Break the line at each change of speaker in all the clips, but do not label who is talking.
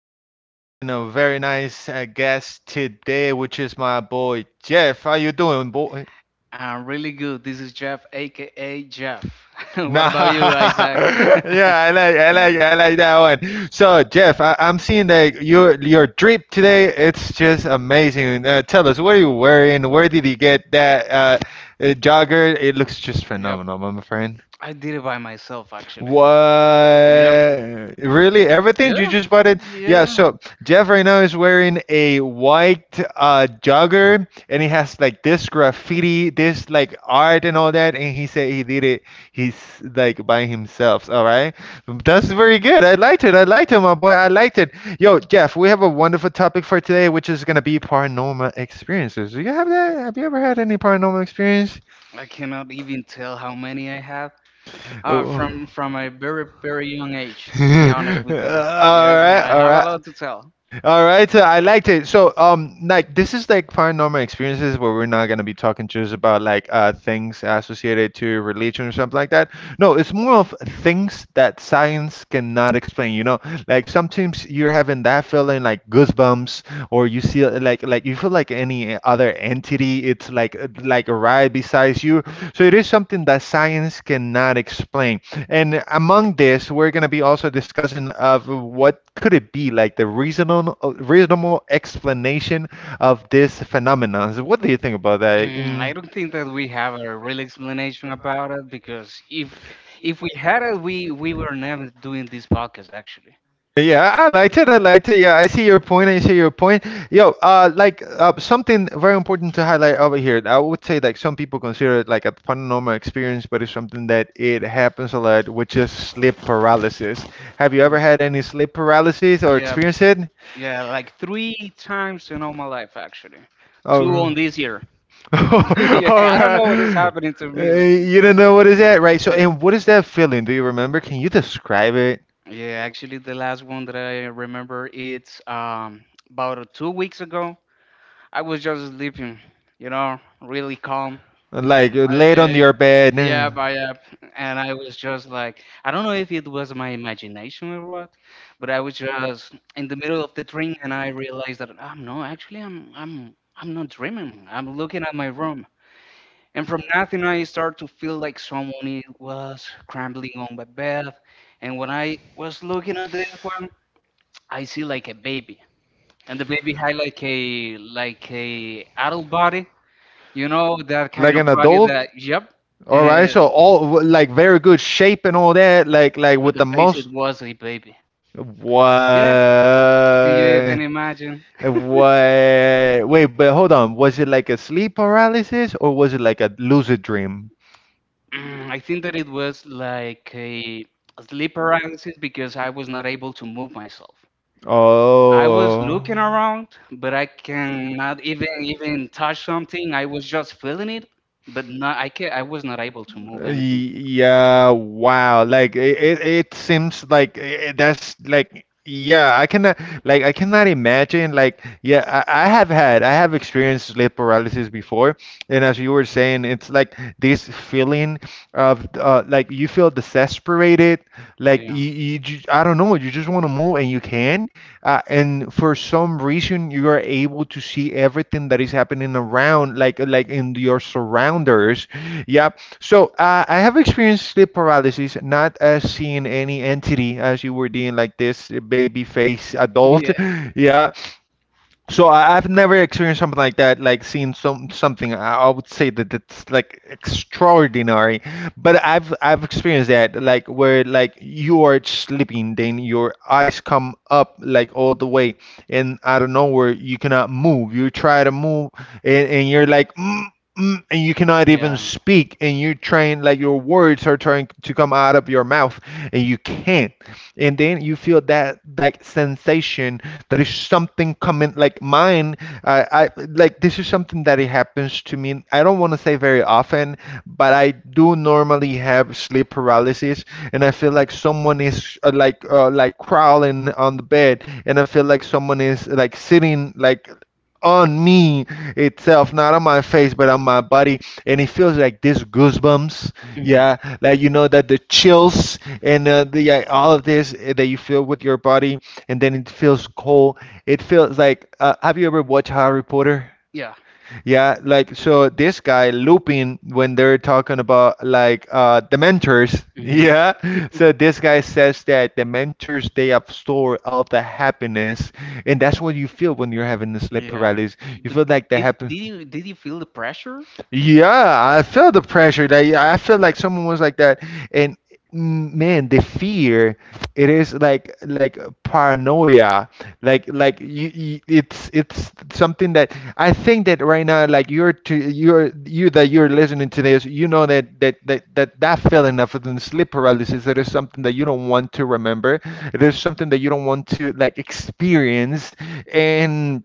yo, we're having a very nice guest today, which is my boy Jeff. How you doing, boy?
I'm really good. This is Jeff, aka Jeff. What
Nah,
about you, Isaac?
yeah, I like that one. So, Jeff, I'm seeing that your drip today. It's just amazing. Tell us, what are you wearing? Where did you get that jogger? It looks just
Yep,
phenomenal, my friend.
I did it by myself actually.
What?
Yep,
Really?
yeah,
Everything you just bought it? Yeah,
yeah.
so Jeff right now is wearing a white jogger, and he has like this graffiti, this like art and all that, and he said he did it, he's like, by himself. All right. That's very good. I liked it. I liked it, my boy. I liked it. Yo, Jeff, we have a wonderful topic for today, which is gonna be paranormal experiences. Do you have that? Have you ever had any paranormal experience?
I cannot even tell how many I have. Uh,
Oh.
from from a very young age,
All
to be honest with you. Yep,
right,
I
all
have a
right.
lot to tell.
All right, so I liked it. So, like, this is like paranormal experiences where we're not gonna be talking just about like things associated to religion or something like that. No, it's more of things that science cannot explain. You know, like sometimes you're having that feeling, like goosebumps, or you see like you feel like any other entity. It's like right beside you, so it is something that science cannot explain. And among this, we're going to be also discussing of what could it be like the reasonable explanation of this phenomenon. So what do you think about that?
I
Mm,
don't think that we have a real explanation about it, because if we had it, we were never doing this podcast actually.
yeah, I liked it. I liked it. Yeah, I see your point. I see your point. Yo, something very important to highlight over here. I would say like some people consider it like a paranormal experience, but it's something that it happens a lot, which is sleep paralysis. Have you ever had any sleep paralysis or
Yeah,
experienced it?
yeah, like three times in all my life actually. Two
Oh.
on this year.
All
Yeah, I don't know what is
right.
happening to me lately.
You don't know what is that, right? So,
Yeah.
and what is that feeling? Do you remember? Can you describe it?
Yeah, actually the last one that I remember, it's about 2 weeks ago. I was just sleeping, you know, really calm.
Like,
I,
laid on
uh,
your bed.
yeah, by app, and I was just like, I don't know if it was my imagination or what, but I was just in the middle of the dream, and I realized that I'm no, actually, I'm not dreaming. I'm looking at my room, and from nothing, I started to feel like someone it was crumbling on my bed. And when I was looking at this one, I see like a baby, and the baby had like a adult body, you know, that
Like
kind of
an
body
adult?
that yep.
All right,
And
so all like very good shape and all that, like
but
with
the
the
face, it
most.
was a baby. Yeah, can you even
What?
imagine?
What? Wait, but hold on. Was it like a sleep paralysis or was it like a lucid dream?
I think that it was like a sleep paralysis because I was not able to move myself. I was
Oh.
looking around, but I cannot even touch something. I was just feeling it, but not I can I was not able to move anything.
Yeah, wow. Like it seems like that's like, yeah, I cannot, imagine. Like, yeah, I have experienced sleep paralysis before, and as you were saying, it's like this feeling of like you feel desesperated, like
Yeah.
I don't know, you just want to move and you can. And for some reason, you are able to see everything that is happening around, like in your surrounders. Yeah. So I have experienced sleep paralysis, not as seeing any entity as you were doing, like this baby face adult.
Yeah.
Yeah. So I've never experienced something like that, like seeing something. I would say that it's like extraordinary, but I've experienced that, like where, like, you are sleeping, then your eyes come up like all the way, and out of nowhere you cannot move. You try to move, and you're like. And you cannot even
Yeah.
speak, and you're trying, like, your words are trying to come out of your mouth and you can't, and then you feel that that sensation that is something coming, like mine. I Like, this is something that it happens to me. I don't want to say very often, but I do normally have sleep paralysis, and I feel like someone is like crawling on the bed, and I feel like someone is like sitting like on me itself, not on my face, but on my body, and it feels like this goosebumps,
Hmm.
yeah, like, you know, that the chills and the, yeah, all of this that you feel with your body, and then it feels cold. It feels like, have you ever watched Harry Potter?
Yeah.
Yeah, like, so this guy Lupin, when they're talking about like the mentors,
Hmm.
yeah. So this guy says that the mentors, they absorb all the happiness, and that's what you feel when you're having the sleep
Yeah.
paralysis. You
But
feel like the
did
happy.
did you did you feel the pressure?
Yeah, I felt the pressure. Like, I feel like someone was like that. And man, the fear, it is like paranoia, like it's something that I think that right now, like, you're to you're you that you're listening to this, you know that that feeling of the sleep paralysis, it is something that you don't want to remember. It is something that you don't want to like experience, and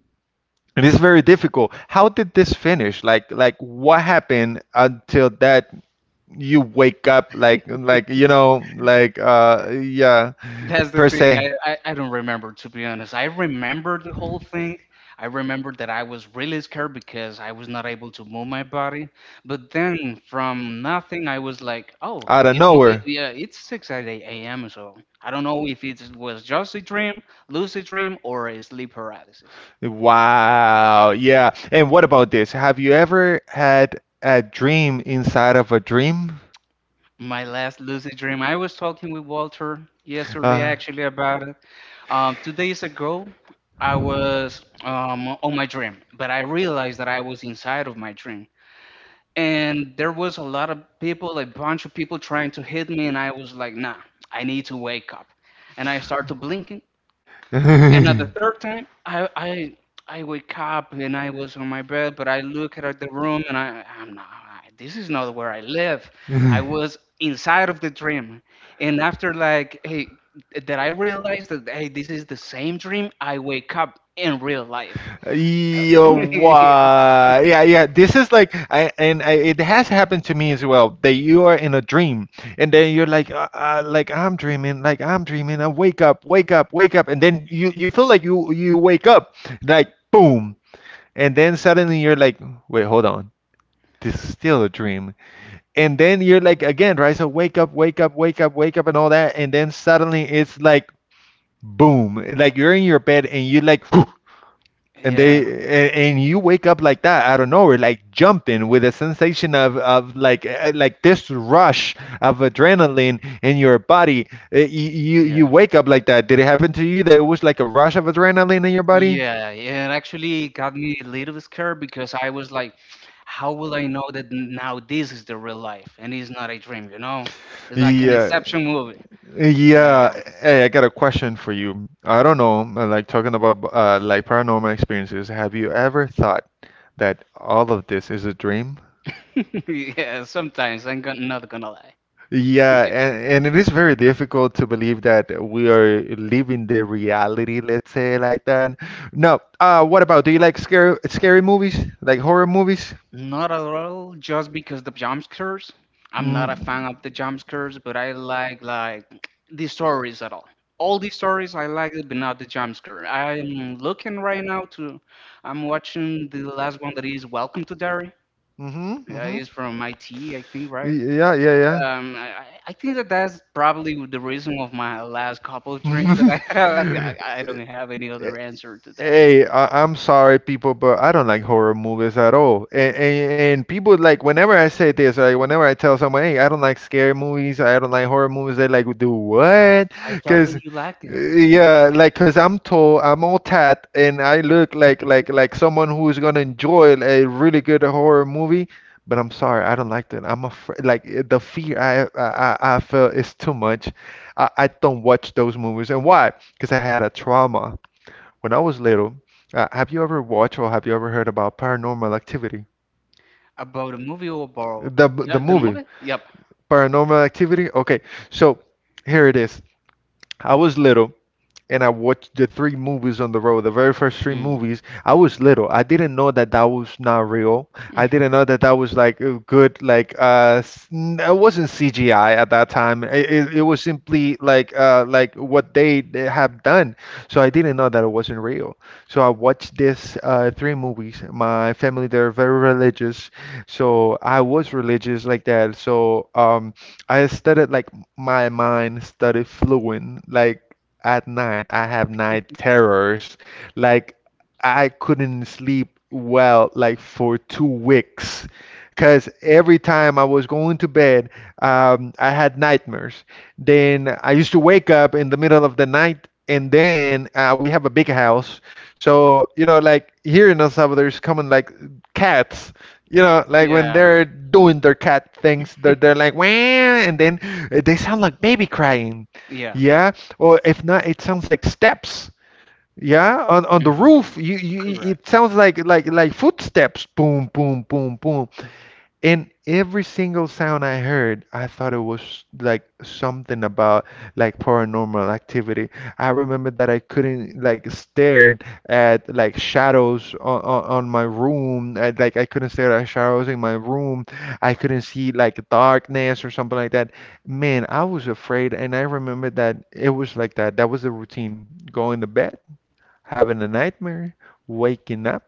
it is very difficult. How did this finish? Like, what happened until that you wake up, like, you know, like, yeah,
That's the
per
thing.
se.
I don't remember, to be honest. I remember the whole thing. I remember that I was really scared because I was not able to move my body. But then from nothing, I was like, oh,
Out of
it's
nowhere.
yeah, it's 6 a.m. So I don't know if it was just a dream, lucid dream, or a sleep paralysis.
Wow. Yeah. And what about this? Have you ever had a dream inside of a dream?
My last lucid dream. I was talking with Walter yesterday
Uh,
actually about it. 2 days ago, I was on my dream, but I realized that I was inside of my dream. And there was a lot of people, a bunch of people trying to hit me, and I was like, nah, I need to wake up. And I started blinking, and at the third time, I wake up and I was on my bed, but I look at the room and I'm not. This is not where I live. I was inside of the dream, and after like hey, that I realized that hey, this is the same dream. I wake up in real life.
Yo, why? Yeah, yeah. This is like, it has happened to me as well. That you are in a dream, and then you're like, like, I'm dreaming, like, I'm dreaming. I wake up, wake up, wake up, and then you feel like you wake up, like, boom, and then suddenly you're like, wait, hold on, this is still a dream. And then you're like again, right? So wake up, wake up, wake up, wake up, and all that, and then suddenly it's like, boom, like, you're in your bed and you like and
Yeah,
you wake up like that, out of nowhere, like, jumping with a sensation of, like, like this rush of adrenaline in your body. You
yeah.
wake up like that. Did it happen to you that it was like a rush of adrenaline in your body?
Yeah, yeah, and actually it got me a little scared because I was like, how will I know that now this is the real life and it's not a dream, you know? It's like an
Yeah,
Inception movie. Uh,
yeah. Hey, I got a question for you. I don't know, like, talking about like, paranormal experiences, have you ever thought that all of this is a dream?
yeah, sometimes I'm not gonna lie.
Yeah,
Yeah.
and it is very difficult to believe that we are living the reality, let's say like that. No, what about, do you like scary movies? Like, horror movies?
Not at all, just because the jump scares. I'm not a
Mm.
fan of the jump scares, but I like the stories at all. All the stories I like it, but not the jump scare. I'm looking right now to, I'm watching the last one that is Welcome to Derry.
Mm-hmm,
Yeah,
mm-hmm.
he's from IT, I think, right?
Yeah, yeah,
I think that that's probably the reason of my last couple of dreams that
yeah.
I have. I don't have any other answer to that.
Hey, I'm sorry, people, but I don't like horror movies at all. And people, like, whenever I say this, like, whenever I tell someone, hey, I don't like scary movies, I don't like horror movies, they like, do what?
I thought
Cause
that you liked it
yeah, like, cause I'm tall, I'm all tat, and I look like like someone who's gonna enjoy a really good horror movie. But I'm sorry, I don't like that. I'm afraid, like, the fear I feel is too much. I don't watch those movies. And why? Because I had a trauma when I was little. Have you ever watched or have you ever heard about Paranormal Activity?
about a movie or about
The
yeah, the
movie
movie. Yep.
Paranormal Activity. Okay, so here it is. I was little and I watched the three movies on the road. The very first three
Mm.
movies, I was little. I didn't know that that was not real. I didn't know that that was like a good, like, it wasn't CGI at that time. It was simply like, like, what they have done. So I didn't know that it wasn't real. So I watched this three movies. My family, they're very religious, so I was religious like that. So I studied, like, my mind studied fluent, like, at night I have night terrors. Like, I couldn't sleep well like for 2 weeks. Because every time I was going to bed, I had nightmares. Then I used to wake up in the middle of the night, and then we have a big house. So, like, here in El Salvador, there's common like cats. Like, when
Yeah.
they're doing their cat things, they're like, wah, and then they sound like baby crying.
Yeah.
Yeah, or if not, it sounds like steps. Yeah, on the
Hmm.
roof, you it
Correct.
sounds like like footsteps, boom, boom, boom, boom. And every single sound I heard, I thought it was like something about, like, paranormal activity. I remember that I couldn't, like, stare at, like, shadows on my room. I couldn't stare at shadows in my room. I couldn't see, like, darkness or something like that. Man, I was afraid, and I remember that it was like that. That was the routine. Going to bed, having a nightmare, waking up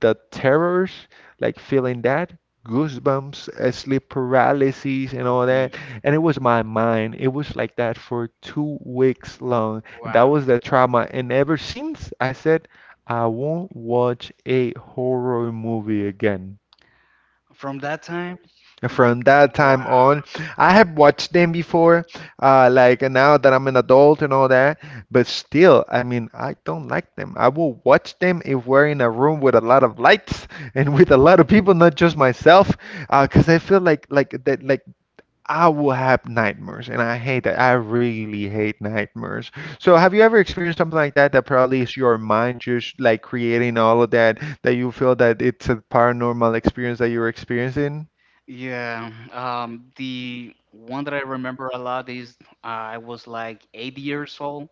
the terrors, like feeling that goosebumps, sleep paralysis, and all
Mhm.
that. And it was my mind. It was like that for 2 weeks long. That
Wow.
was the trauma. And ever since, I said, I won't watch a horror movie again.
From that time, it,
From that time
wow.
on, I have watched them before, like and now that I'm an adult and all that, but still, I mean, I don't like them. I will watch them if we're in a room with a lot of lights and with a lot of people, not just myself, 'cause I feel like that like I will have nightmares, and I hate that. I really hate nightmares. So, have you ever experienced something like that that probably is your mind just like creating all of that that you feel that it's a paranormal experience that you're experiencing?
Yeah. The one that I remember a lot is I was like 8 years old.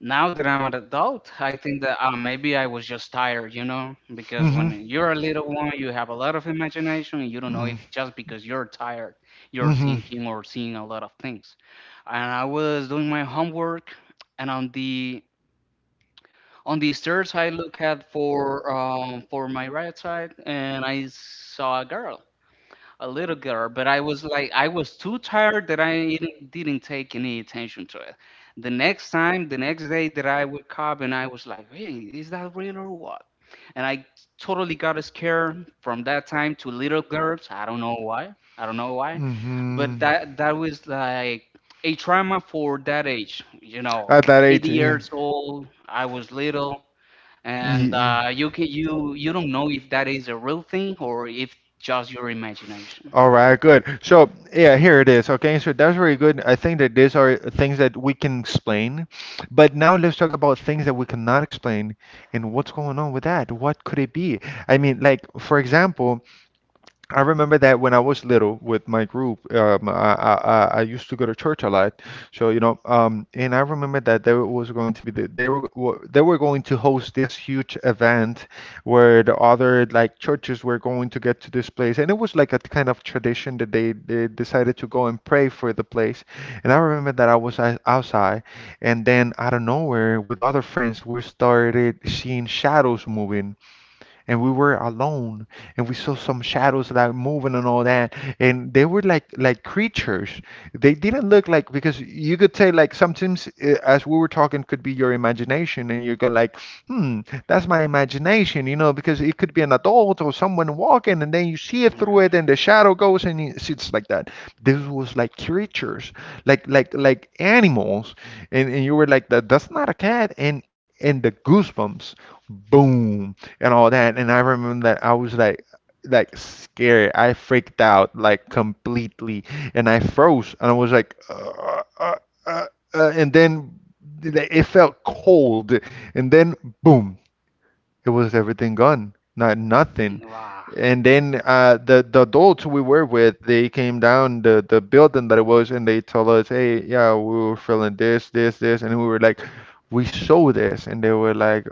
Now that I'm an adult, I think that maybe I was just tired, you know, because
Mhm.
when you're a little one, you have a lot of imagination, and you don't know
Mhm.
if just because you're tired, you're
Mhm.
thinking or seeing a lot of things. And I was doing my homework, and on the stairs, I look at for my right side, and I saw a girl a little girl, but I was like, I was too tired that I didn't take any attention to it. The next time, the next day that I woke up and I was like, hey, is that real or what? And I totally got scared from that time to little girls. I don't know why. I don't know why, but
Mhm.
that was like a trauma for that age. You know,
At that
80
age, yeah.
years old. I was little, and
Ye-
you can you don't know if that is a real thing or if just your imagination.
All right, good. So, yeah, here it is. Okay, so that's very good. I think that these are things that we can explain. But now let's talk about things that we cannot explain and what's going on with that. What could it be? I mean, like, for example, I remember that when I was little with my group, I used to go to church a lot. So, and I remember that there was going to be they were going to host this huge event where the other like churches were going to get to this place, and it was like a kind of tradition that they decided to go and pray for the place. And I remember that I was outside, and then out of nowhere with other friends we started seeing shadows moving, and we were alone and we saw some shadows that were moving and all that, and they were like creatures. They didn't look like, because you could say like sometimes, as we were talking, could be your imagination, and you go like, hmm, that's my imagination, because it could be an adult or someone walking, and then you see it through
Yeah.
it and the shadow goes and it sits like that. This was like creatures, like animals, and you were like, that's not a cat, and the goosebumps, boom, and all that. And I remember that I was like scared. I freaked out like completely, and I froze. And I was like, uh, and then it felt cold, and then boom, it was everything gone, not nothing.
Wow.
And then the adults we were with, they came down the building that it was, and they told us, "Hey, yeah, we were feeling this, this, this," and we were like, "We saw this," and they were like,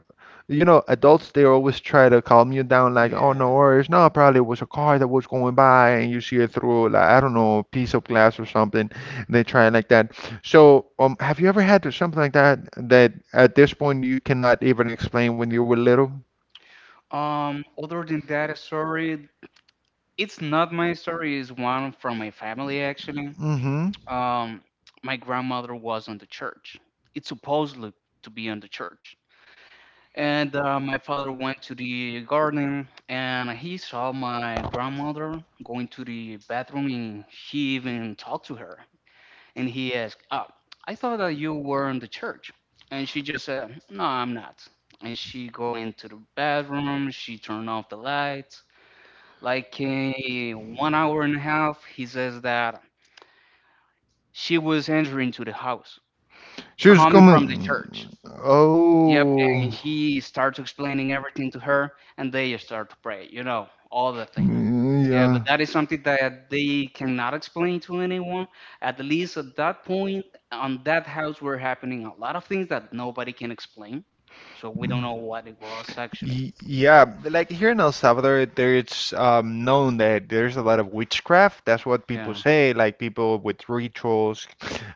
adults they always try to calm you down, like, "Oh, no
Yeah.
worries, no, probably it was a car that was going by, and you see it through, like, I don't know, a piece of glass or something." And they try like that. So, have you ever had something like that that at this point you cannot even explain when you were little?
Other than that story, it's not my story, it's one from my family actually.
hmm
Um, my grandmother was on the church. It's supposedly to be on the church. And my father went to the garden and he saw my grandmother going to the bathroom and he even talked to her. And he asked, oh, I thought that you were in the church. And she just said, no, I'm not. And she go into the bathroom, she turned off the lights. Like in 1 hour and a half, he says that she was entering to the house,
She was
coming from the
coming.
church. Yep,
Oh,
and he starts explaining everything to her, and they start to pray, you know, all the thing.
mm,
Yeah,
yeah.
but that is something that they cannot explain to anyone. At least at that point, on that house were happening a lot of things that nobody can explain. So we don't
Mm.
know what it was actually.
Yeah, like here in El Salvador, there's known that there's a lot of witchcraft. That's what people
Yeah,
say, like people with rituals,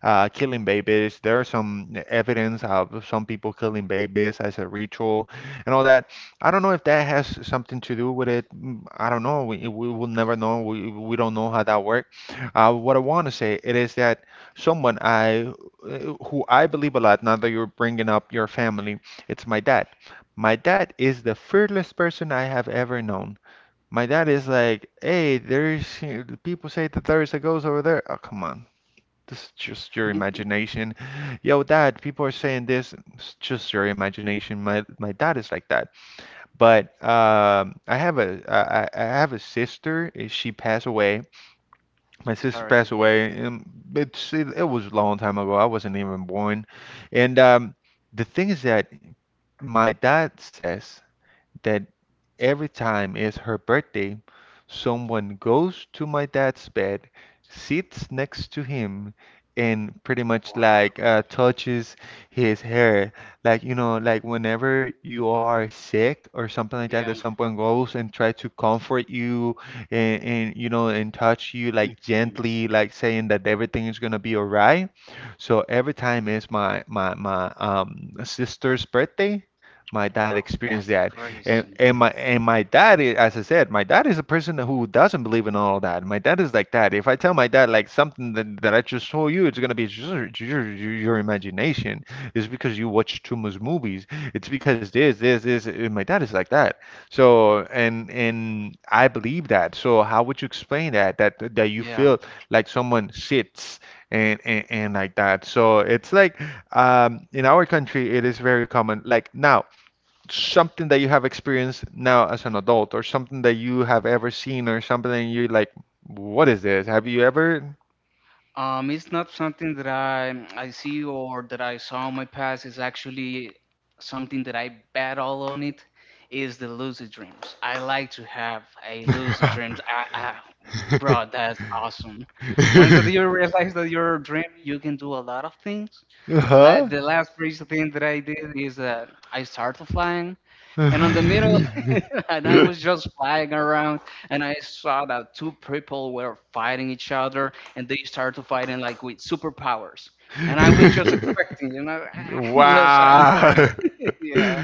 killing babies. There are some evidence of some people killing babies as a ritual and all that. I don't know if that has something to do with it. I don't know. We will never know. We don't know how that works. What I want to say it is that someone I who I believe a lot, now that you're bringing up your family, it's my dad. My dad is the fearless person I have ever known. My dad is like, hey, there's people say that there's a ghost over there. Oh, come on. This is just your imagination. Yo, dad, people are saying this. It's just your imagination. My dad is like that. But I have a sister. She passed away. My sister
sorry to
passed
hear that.
away, and it was a long time ago. I wasn't even born. And the thing is that my dad says that every time it's her birthday, someone goes to my dad's bed, sits next to him, and pretty much like touches his hair. Like, whenever you are sick or something like that,
Yeah.
that someone goes and try to comfort you and touch you like
Mhm.
gently, like saying that everything is gonna be all right. So every time is my sister's birthday, my dad
Wow,
experienced
that's
that. And
crazy,
and
man.
my and my dad, as I said, my dad is a person who doesn't believe in all that. My dad is like that. If I tell my dad like something that I just told you, it's gonna be just your imagination. It's because you watch too much movies. It's because this this this. And my dad is like that. So and I believe that. So how would you explain that you
Yeah.
feel like someone sits and like that? So it's like in our country it is very common. Like now something that you have experienced now as an adult, or something that you have ever seen, or something that you like, what is this? Have you ever?
It's not something that I see or that I saw in my past. It's actually something that I battle on it. Is the lucid dreams. I like to have a lucid dreams. Bro, that's awesome. Once that you realize that you're a dream, you can do a lot of things. The la-
Uh-huh.
the last crazy thing that I did is that I started flying and on the middle and I was just flying around and I saw that two people were fighting each other and they started fighting like with superpowers and I was just expecting you know yes I know right
Wow.
yeah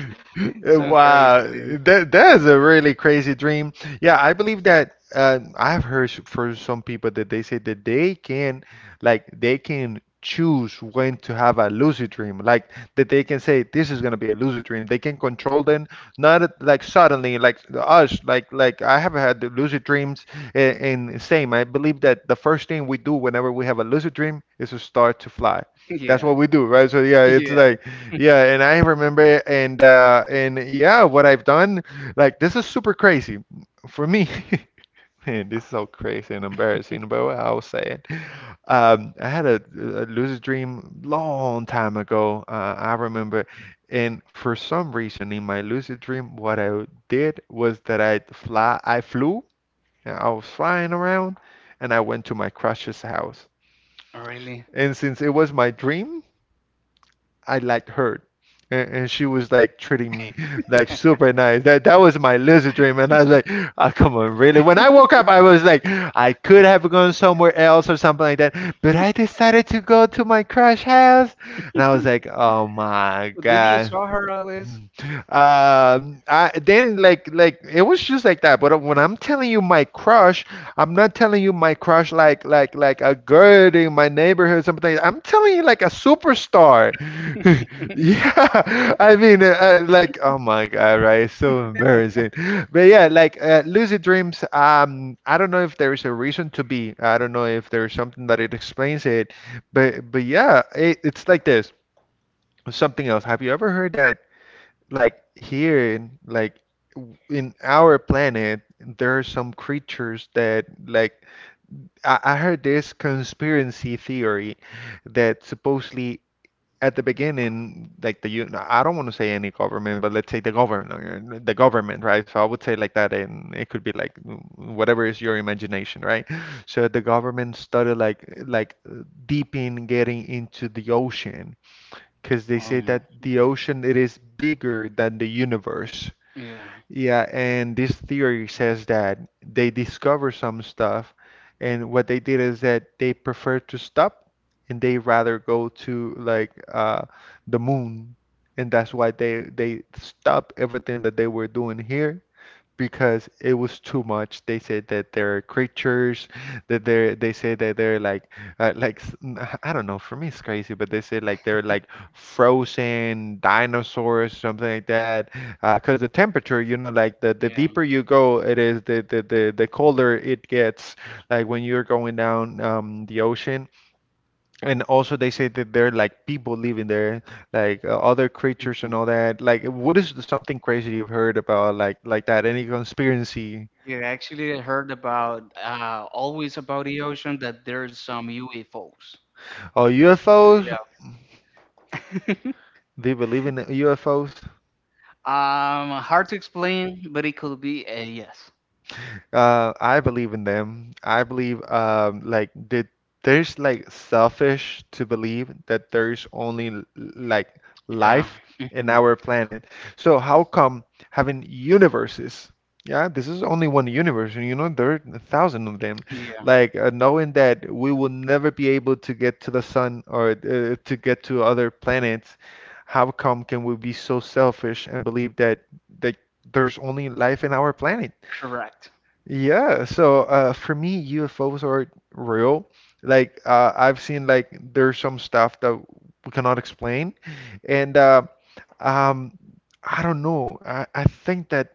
some crazy
Wow.
thing
That is a really crazy dream. Yeah, I believe that I've heard for some people that they say that they can like they can choose when to have a lucid dream. Like that they can say this is gonna be a lucid dream. They can control them, not like suddenly like us, like I have had the lucid dreams, and same, I believe that the first thing we do whenever we have a lucid dream is to start to fly. That's
yeah
what we do, right? So yeah, it's
yeah
like yeah, and I remember and yeah, what I've done, like this is super crazy for me. Man, this is so crazy and embarrassing, but well, I'll say it. I had a lucid dream long time ago. I remember, and for some reason in my lucid dream, what I did was that I flew and I was flying around, and I went to my crush's house.
really
And since it was my dream, I liked her. And she was like treating me like super nice. That was my lucid dream. And I was like, "Ah, come on, really? When I woke up, I was like, I could have gone somewhere else or something like that. But I decided to go to my crush house. And I was like, oh my
did you
God.
saw her at least
I then like it was just like that. But when I'm telling you my crush, I'm not telling you my crush like a girl in my neighborhood or something. I'm telling you like a superstar. Yeah, I mean like oh my God, right? It's so embarrassing. But yeah, like lucid dreams. I don't know if there is a reason to be. I don't know if there's something that it explains it. But yeah, it's like this. Something else. Have you ever heard that like here in like in our planet there are some creatures that like I heard this conspiracy theory that supposedly at the beginning, like I don't want to say any government, but let's say the government, right? So I would say like that, and it could be like whatever is your imagination, right? So the government started like deep in getting into the ocean because they say that the
mhm.
ocean it is bigger than the universe.
Yeah,
Yeah, and this theory says that they discover some stuff, and what they did is that they prefer to stop and they rather go to like the moon, and that's why they stop everything that they were doing here because it was too much. They said that they're creatures, that they say that they're like I don't know. For me, it's crazy, but they said like they're like frozen dinosaurs, something like that. Because the temperature, like the
yeah,
deeper you go, it is the colder it gets. Like when you're going down the ocean. And also, they say that there are like people living there, like other creatures and all that. Like, what is something crazy you've heard about, like that? Any conspiracy
yeah. Actually, I heard about always about the ocean that there's some UFOs.
or UFOs? Do you believe in UFOs?
Hard to explain, but it could be a yes.
I believe in them. I believe like that there's like selfish to believe that there's only like
Yeah.
life in
Mhm.
our planet. So how come having universes? Yeah, this is only one universe, and you know there are a thousand of them.
Yeah.
Like knowing that we will never be able to get to the sun or to get to other planets, how come can we be so selfish and believe that there's only life in our planet?
Correct.
Yeah, so for me, UFOs are real. Like I've seen, like there's some stuff that we cannot explain, and um, I don't know. I think that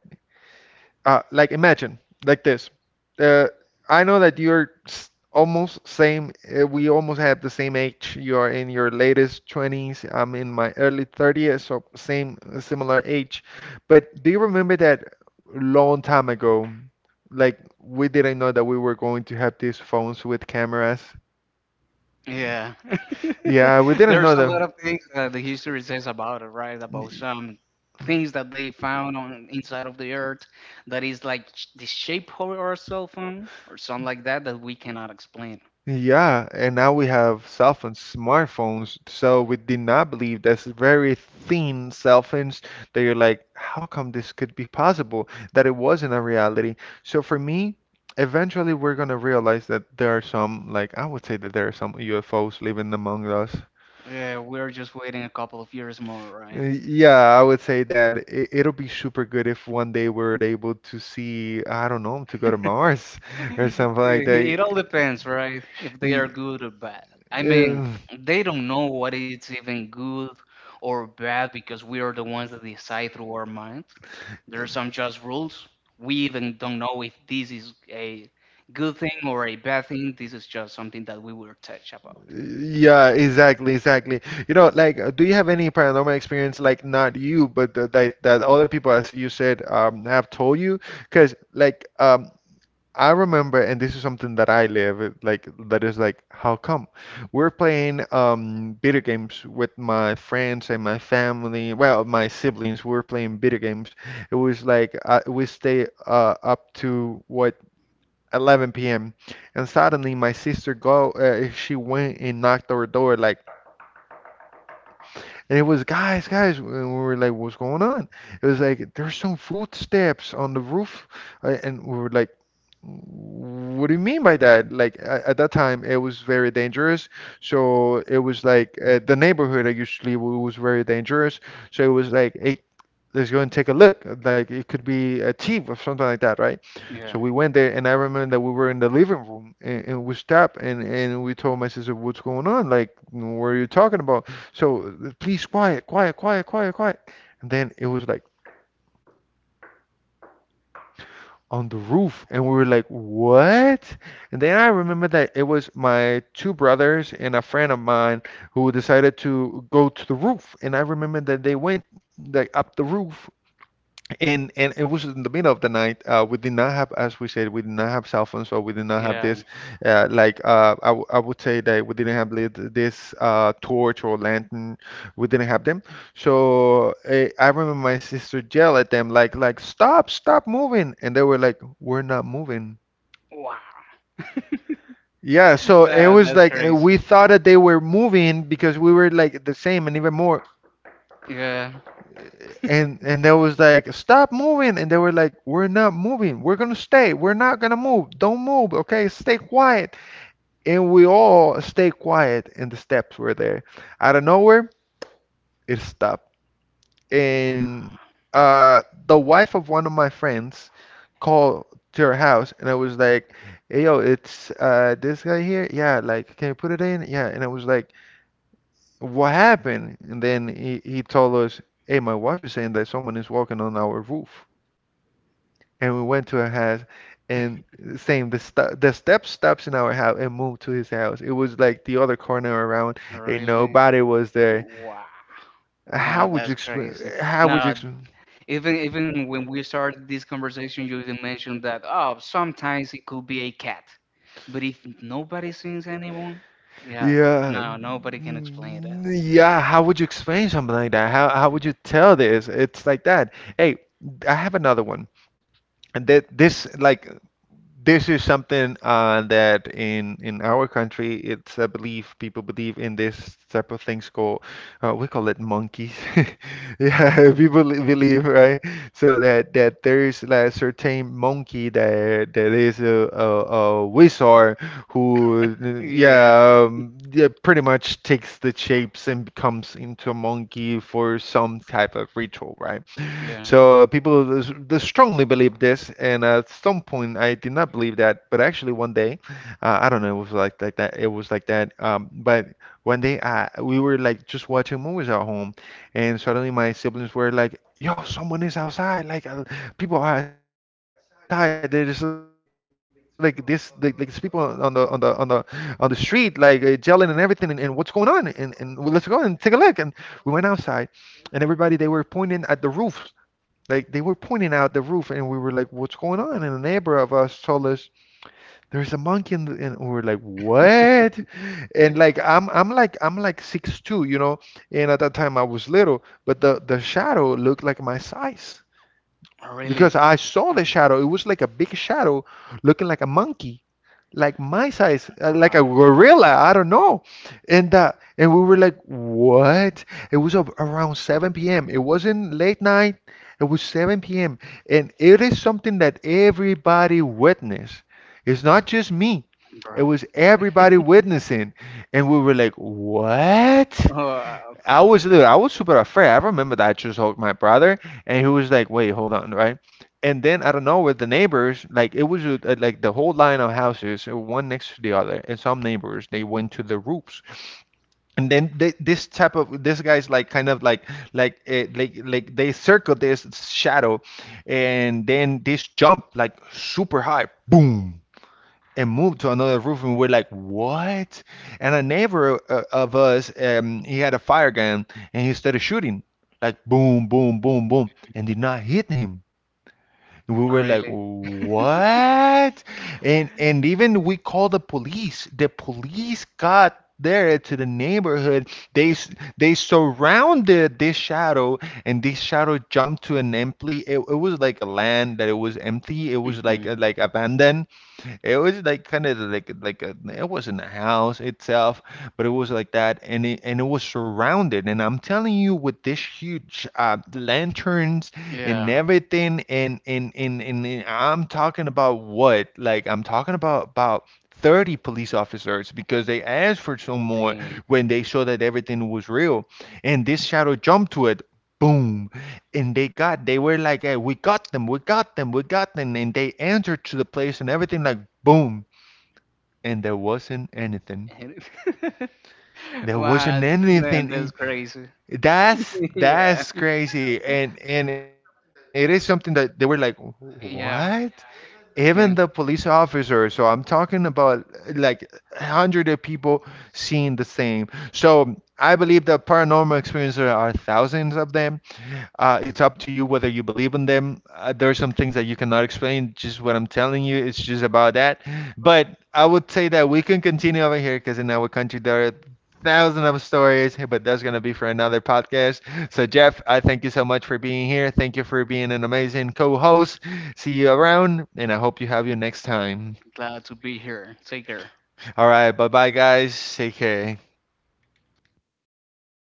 like imagine like this. Uh, I know that you're almost same. We almost have the same age. You are in your latest 20s. I'm in my early 30s, so same similar age. But do you remember that long time ago? Like we didn't know that we were going to have these phones with cameras.
Yeah.
Yeah, we didn't
There's
know
a lot
that.
of things that the history says about it, right? About some things that they found on inside of the earth that is like the shape of our cell phone or something like that that we cannot explain.
Yeah, and now we have cell phones, smartphones. So we did not believe that's very thin cell phones that you're like, how come this could be possible? That it wasn't a reality. So for me, eventually we're gonna realize that there are some, like I would say that there are some UFOs living among us.
Yeah, we're just waiting a couple of years more,
Uh,
right?
Yeah, I would say that it'll be super good if one day we're able to see, I don't know, to go to Mars or something like
It all
that.
depends, right? If they
Y-
are good or bad. I mean,
uh,
they don't know what is even good or bad because we are the ones that decide through our minds. There are some just rules. We even don't know if this is a good thing or a bad thing. This is just something that we were touch about.
Yeah, exactly, exactly. Like, do you have any paranormal experience, like not you, but that other people, as you said, have told you? Because, like, I remember, and this is something that I live, like, that is like, how come? We're playing video games with my friends and my family, well, my siblings. We were playing video games. It was like we stay up to what 11 p.m. And suddenly my sister go, she went and knocked our door like, and it was guys, guys. And we were like, what's going on? It was like there's some footsteps on the roof, and we were like. What do you mean by that? Like at that time, it was very dangerous. So it was like the neighborhood I usually w was very dangerous. So it was like, hey, let's go and take a look. Like it could be a thief or something like that, right? So
Yeah.
we went there, and I remember that we were in the living room, and we stopped, and we told my sister, "What's going on? Like, what are you talking about?" So please, quiet, quiet, quiet, quiet, quiet. And then it was like on the roof, and we were like, "What?" And then I remember that it was my two brothers and a friend of mine who decided to go to the roof, and I remember that they went like up the roof, and it was in the middle of the night. We did not have, as we said, we did not have cell phones, so we did not have
Yeah.
this. Like I would say that we didn't have lit this torch or lantern. We didn't have them. So I remember my sister yell at them like stop stop moving, and they were like we're not moving.
Wow.
Yeah, so it
Yeah,
was
that's
like we
crazy.
thought that they were moving because we were like the same and even more.
Yeah.
And they was like, stop moving, and they were like, we're not moving, we're gonna stay, we're not gonna move, don't move, okay, stay quiet. And we all stay quiet, and the steps were there. Out of nowhere, it stopped. And uh the wife of one of my friends called to her house, and I was like, hey, yo, it's this guy here, yeah, like can you put it in? Yeah. And I was like, what happened? And then he told us, hey, my wife is saying that someone is walking on our roof. And we went to her house, and same, the st the step stops in our house and moved to his house. It was like the other corner around,
Wow.
and
Really?
nobody was there.
Wow.
How
No,
would you
that's
explain?
crazy.
How would you
No,
explain?
even when we started this conversation, you even mentioned that oh, sometimes it could be a cat, but if nobody sings anyone, yeah,
Yeah,
no, nobody can explain that.
yeah. How would you explain something like that? How would you tell this? It's like that. Hey, I have another one. And that this like this is something that in our country it's a belief. People believe in this type of things called we call it monkeys yeah, people believe, right? So that there is like a certain monkey that is a wizard who
Yeah,
yeah, yeah pretty much takes the shapes and becomes into a monkey for some type of ritual, right?
yeah,
So people they strongly believe this, and at some point I did not believe that. But actually, one day, I don't know, it was like that. It was like that. But one day, I we were like just watching movies at home, and suddenly my siblings were like, "Yo, someone is outside! Like people are outside. There's like this, like it's people on the street, like yelling and everything, and what's going on? And well, let's go and take a look." And we went outside, and everybody they were pointing at the roofs like they were pointing out the roof, and we were like, "What's going on?" And a neighbor of us told us there's a monkey, in the, and we were like, "What?" And like I'm like 6'2", you know. And at that time I was little, but the shadow looked like my size
oh, really,
because I saw the shadow. It was like a big shadow looking like a monkey like my size,
all
like a
right,
gorilla. I don't know. And uh, and we were like, what? It was around 7 p.m. It wasn't late night. It was 7 p.m. And it is something that everybody witnessed. It's not just me.
bro.
It was everybody witnessing. And we were like, what?
Wow,
I was, dude, I was super afraid. I remember that I just hugged my brother, and he was like, "Wait, hold on, right?" And then I don't know with the neighbors, like it was like the whole line of houses, one next to the other, and some neighbors they went to the roofs, and then this type of this guy's like kind of like like they circle this shadow, and then this jump like super high, boom, and moved to another roof, and we're like, what? And a neighbor of us he had a fire gun and he started shooting like boom boom boom boom and did not hit him, and we were like,
really,
what? And even we called the police. The police got there to the neighborhood, they s- they surrounded this shadow, and this shadow jumped to an empty, it was like a land that it was empty, it was
hmm
like abandoned, it was like kind of like it wasn't a house itself, but it was like that, and it was surrounded. And I'm telling you, with this huge lanterns and
yeah.
everything, and I'm talking about what? Like I'm talking about 30 police officers because they asked for some more
The
when they saw that everything was real. And this shadow jumped to it. Boom. And they were like, hey, we got them, we got them, we got them. And they answered to the place and everything like boom, and there wasn't anything, there
wow,
wasn't
man,
anything.
that's crazy.
That's
Yeah,
that's crazy, and it is something that they were like, what,
yeah,
even the
yeah.
police officer. So I'm talking about like hundreds of people seeing the same, so I believe that paranormal experiences are thousands of them. It's up to you whether you believe in them. There are some things that you cannot explain. Just what I'm telling you, it's just about that. But I would say that we can continue over here because in our country there are thousands of stories. But that's gonna be for another podcast. So Jeff, I thank you so much for being here. Thank you for being an amazing co-host. See you around, and I hope you have you next time.
Glad to be here. Take care.
All right, bye bye guys. Take care.